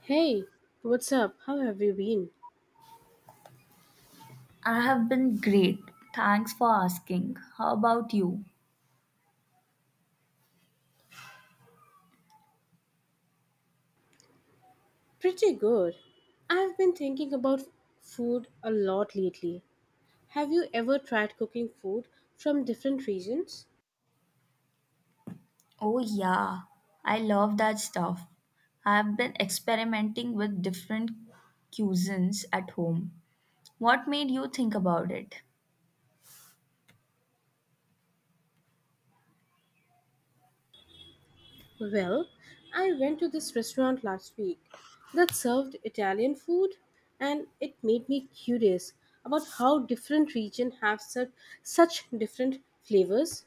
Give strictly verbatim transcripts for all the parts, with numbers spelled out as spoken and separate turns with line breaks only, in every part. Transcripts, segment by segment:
Hey, what's up? How have you been?
I have been great. Thanks for asking. How about you?
Pretty good. I've been thinking about food a lot lately. Have you ever tried cooking food from different regions?
Oh, yeah. I love that stuff. I have been experimenting with different cuisines at home. What made you think about it?
Well, I went to this restaurant last week that served Italian food and it made me curious about how different regions have such, such different flavors.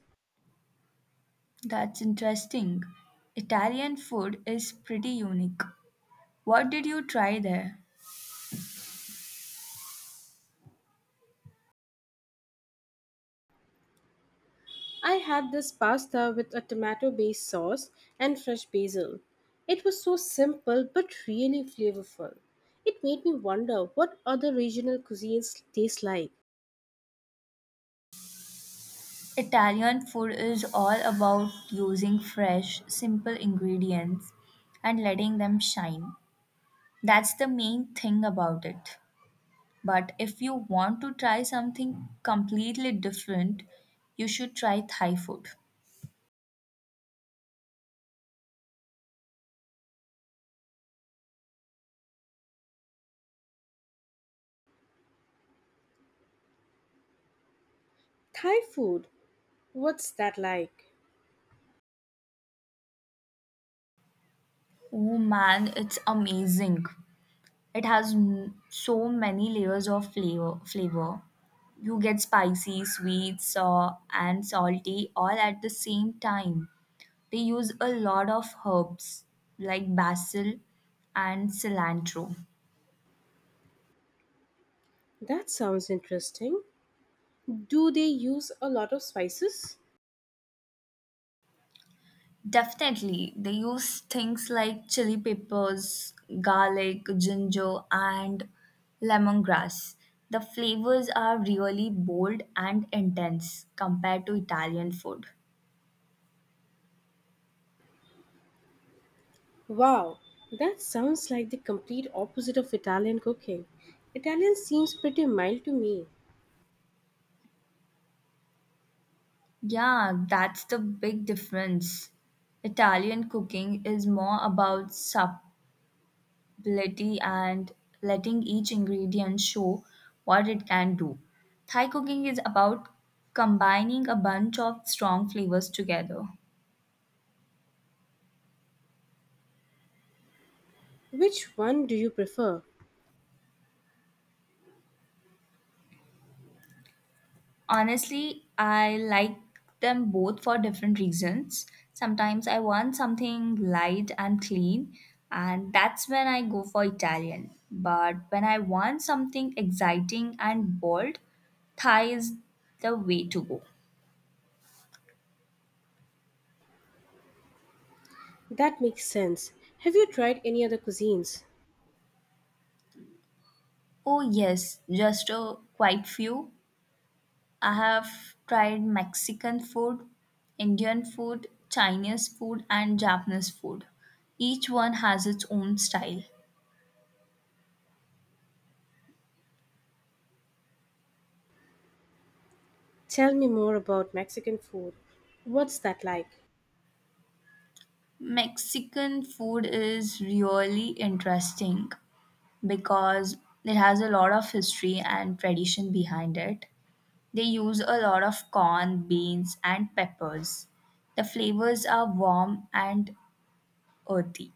That's interesting. Italian food is pretty unique. What did you try there?
I had this pasta with a tomato based sauce and fresh basil. It was so simple but really flavorful. It made me wonder what other regional cuisines taste like.
Italian food is all about using fresh, simple ingredients and letting them shine. That's the main thing about it. But if you want to try something completely different, you should try Thai food.
Thai food, what's that like?
Oh man, it's amazing. It has m- so many layers of flavor flavor. You get spicy, sweet, sour, and salty all at the same time. They use a lot of herbs like basil and cilantro.
That sounds interesting. Do they use a lot of spices?
Definitely. They use things like chili peppers, garlic, ginger, and lemongrass. The flavors are really bold and intense compared to Italian food.
Wow, that sounds like the complete opposite of Italian cooking. Italian seems pretty mild to me.
Yeah, that's the big difference. Italian cooking is more about subtlety and letting each ingredient show what it can do. Thai cooking is about combining a bunch of strong flavors together.
Which one do you prefer?
Honestly, I like them both for different reasons. Sometimes I want something light and clean, and that's when I go for Italian. But when I want something exciting and bold, Thai is the way to go.
That makes sense. Have you tried any other cuisines?
Oh, yes, just a quite few. I have tried Mexican food, Indian food, Chinese food, and Japanese food. Each one has its own style.
Tell me more about Mexican food. What's that like?
Mexican food is really interesting because it has a lot of history and tradition behind it. They use a lot of corn, beans, and peppers. The flavors are warm and earthy.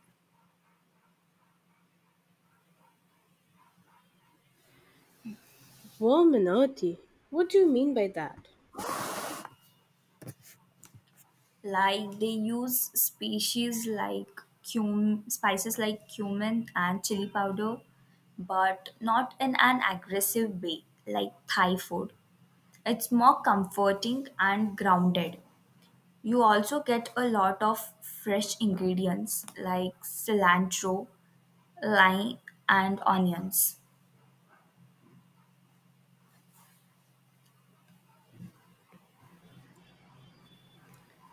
Warm and earthy. What do you mean by that?
Like they use species like cum spices like cumin and chili powder, but not in an aggressive way like Thai food. It's more comforting and grounded. You also get a lot of fresh ingredients like cilantro, lime, and onions.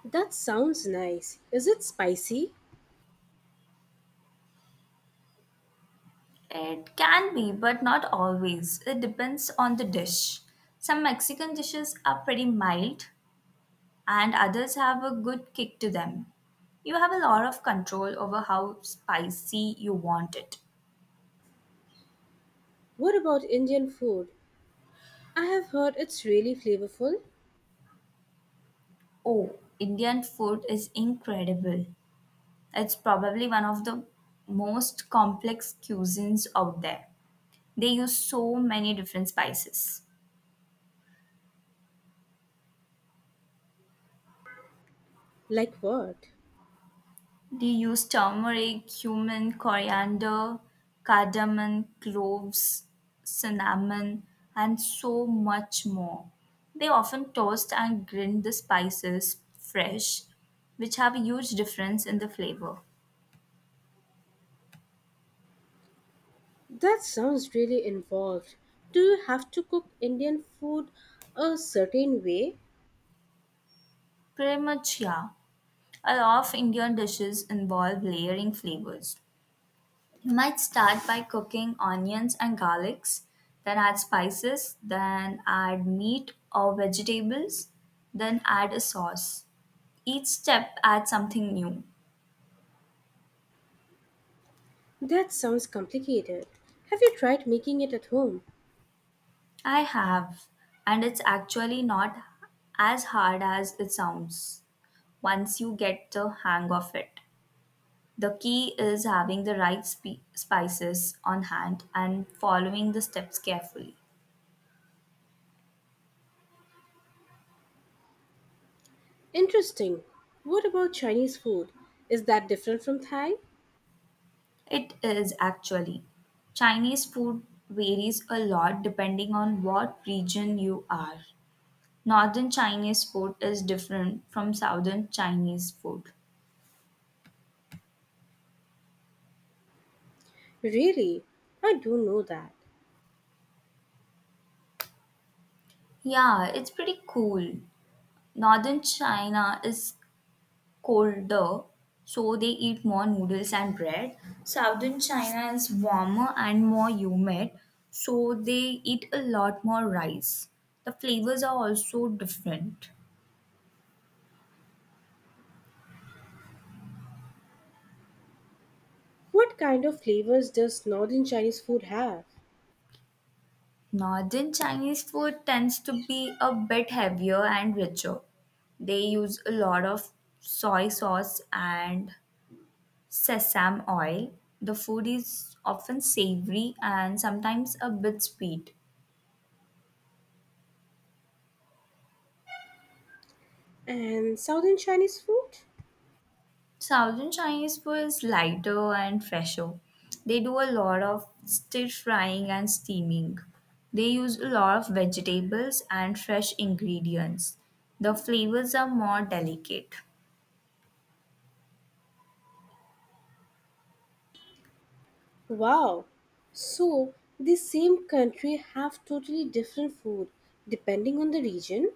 That sounds nice. Is it spicy?
It can be, but not always. It depends on the dish. Some Mexican dishes are pretty mild, and others have a good kick to them. You have a lot of control over how spicy you want it.
What about Indian food? I have heard it's really flavorful.
Oh, Indian food is incredible. It's probably one of the most complex cuisines out there. They use so many different spices.
Like what?
They use turmeric, cumin, coriander, cardamom, cloves, cinnamon, and so much more. They often toast and grind the spices fresh, which have a huge difference in the flavor.
That sounds really involved. Do you have to cook Indian food a certain way?
Pretty much, yeah. A lot of Indian dishes involve layering flavors. You might start by cooking onions and garlics, then add spices, then add meat or vegetables, then add a sauce. Each step adds something new.
That sounds complicated. Have you tried making it at home?
I have, and it's actually not as hard as it sounds once you get the hang of it. The key is having the right spe- spices on hand and following the steps carefully.
Interesting. What about Chinese food? Is that different from Thai?
It is actually. Chinese food varies a lot depending on what region you are. Northern Chinese food is different from southern Chinese food.
Really? I do know that.
Yeah, it's pretty cool. Northern China is colder, so they eat more noodles and bread. Southern China is warmer and more humid, so they eat a lot more rice. The flavors are also different.
What kind of flavors does northern Chinese food have?
Northern Chinese food tends to be a bit heavier and richer. They use a lot of soy sauce and sesame oil. The food is often savory and sometimes a bit sweet.
And southern Chinese food?
Southern Chinese food is lighter and fresher. They do a lot of stir frying and steaming. They use a lot of vegetables and fresh ingredients. The flavors are more delicate.
Wow. So, the same country have totally different food depending on the region?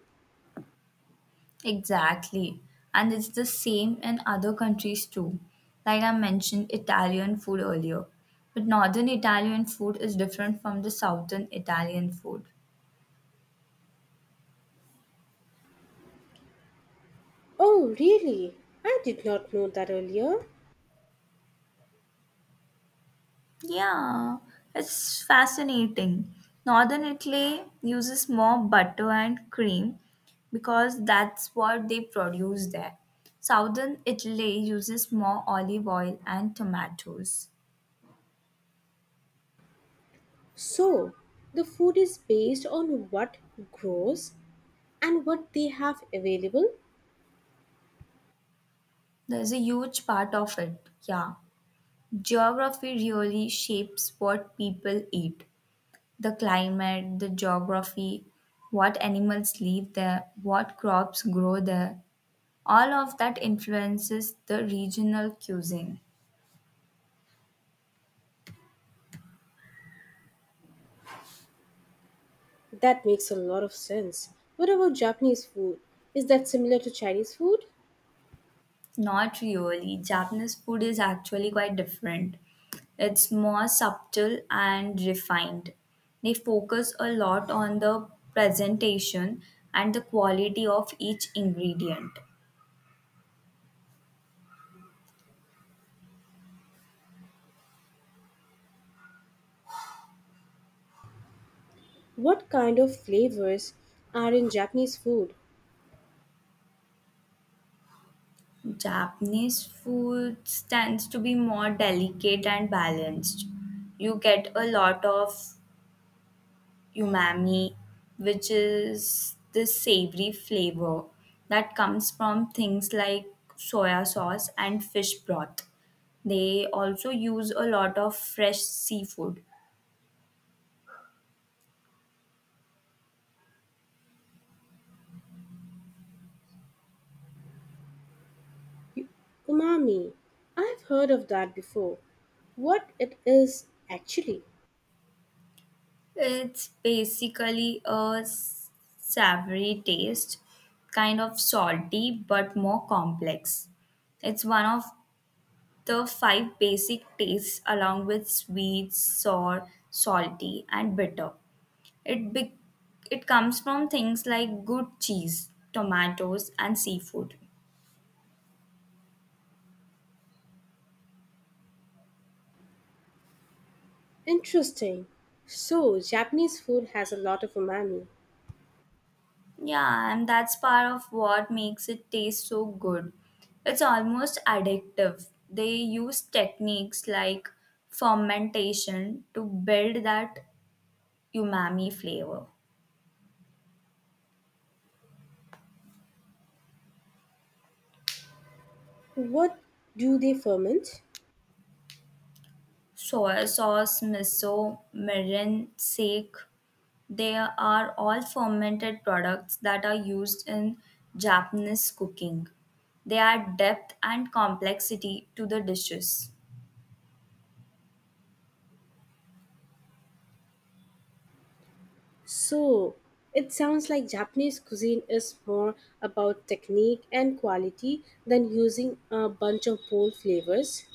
Exactly. And it's the same in other countries too. Like I mentioned Italian food earlier. But northern Italian food is different from the southern Italian food.
Oh, really? I did not know that earlier.
Yeah, it's fascinating. Northern Italy uses more butter and cream because that's what they produce there. Southern Italy uses more olive oil and tomatoes.
So, the food is based on what grows and what they have available?
There's a huge part of it. Yeah. Geography really shapes what people eat, the climate, the geography, what animals live there, what crops grow there. All of that influences the regional cuisine.
That makes a lot of sense. What about Japanese food? Is that similar to Chinese food?
Not really. Japanese food is actually quite different. It's more subtle and refined. They focus a lot on the presentation and the quality of each ingredient.
What kind of flavors are in Japanese food?
Japanese food tends to be more delicate and balanced. You get a lot of umami, which is this savory flavor that comes from things like soya sauce and fish broth. They also use a lot of fresh seafood.
U- Umami. I've heard of that before. What it is actually?
It's basically a s- savory taste, kind of salty but more complex. It's one of the five basic tastes along with sweet, sour, salty, and bitter. It be- it comes from things like good cheese, tomatoes, and seafood.
Interesting. So, Japanese food has a lot of umami.
Yeah, and that's part of what makes it taste so good. It's almost addictive. They use techniques like fermentation to build that umami flavor.
What do they ferment?
Soy sauce, miso, mirin, sake, they are all fermented products that are used in Japanese cooking. They add depth and complexity to the dishes.
So, it sounds like Japanese cuisine is more about technique and quality than using a bunch of bold flavors.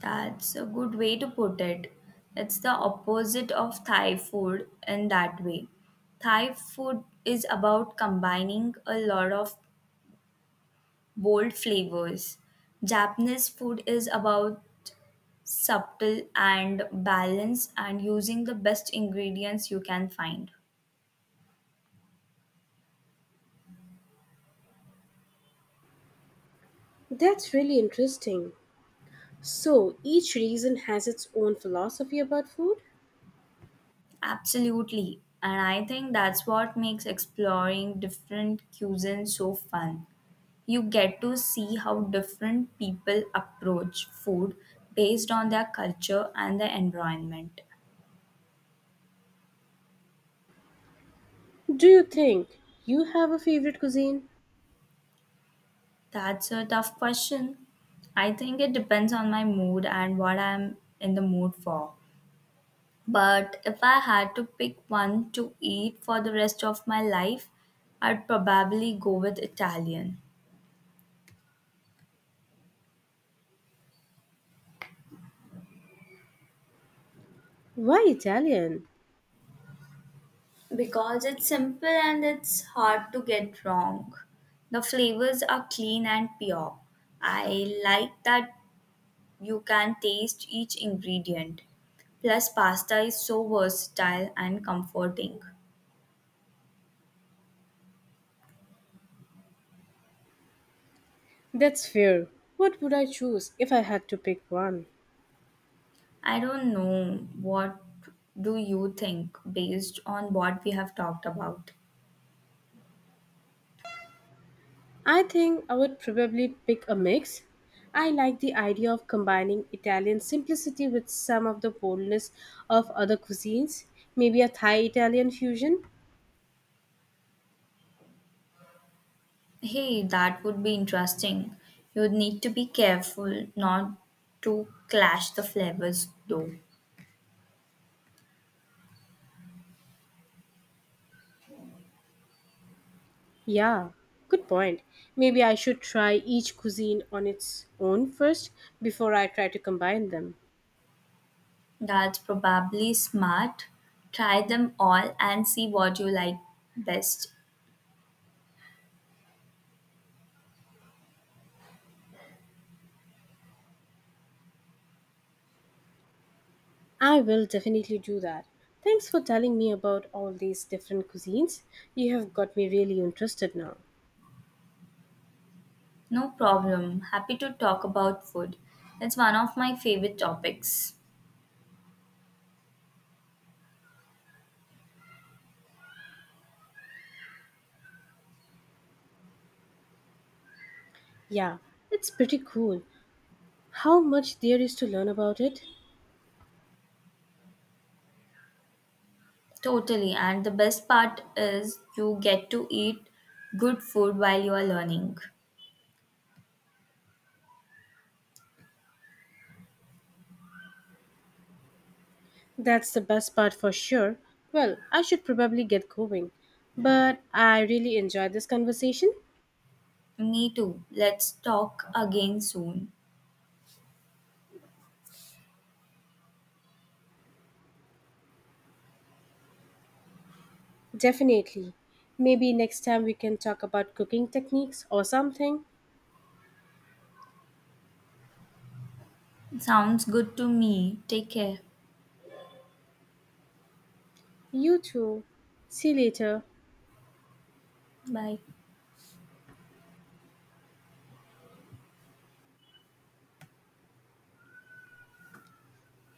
That's a good way to put it. It's the opposite of Thai food in that way. Thai food is about combining a lot of bold flavors. Japanese food is about subtle and balance and using the best ingredients you can find.
That's really interesting. So, each region has its own philosophy about food?
Absolutely. And I think that's what makes exploring different cuisines so fun. You get to see how different people approach food based on their culture and their environment.
Do you think you have a favorite cuisine?
That's a tough question. I think it depends on my mood and what I'm in the mood for. But if I had to pick one to eat for the rest of my life, I'd probably go with Italian.
Why Italian?
Because it's simple and it's hard to get wrong. The flavors are clean and pure. I like that you can taste each ingredient. Plus, pasta is so versatile and comforting.
That's fair. What would I choose if I had to pick one?
I don't know, what do you think based on what we have talked about?
I think I would probably pick a mix. I like the idea of combining Italian simplicity with some of the boldness of other cuisines. Maybe a Thai Italian fusion?
Hey, that would be interesting. You'd need to be careful not to clash the flavors though.
Yeah, good point. Maybe I should try each cuisine on its own first before I try to combine them.
That's probably smart. Try them all and see what you like best.
I will definitely do that. Thanks for telling me about all these different cuisines. You have got me really interested now.
No problem. Happy to talk about food. It's one of my favorite topics.
Yeah, it's pretty cool how much there is to learn about it.
Totally. And the best part is you get to eat good food while you are learning.
That's the best part for sure. Well, I should probably get going. But I really enjoyed this conversation.
Me too. Let's talk again soon.
Definitely. Maybe next time we can talk about cooking techniques or something.
Sounds good to me. Take care.
You too. See you later.
Bye.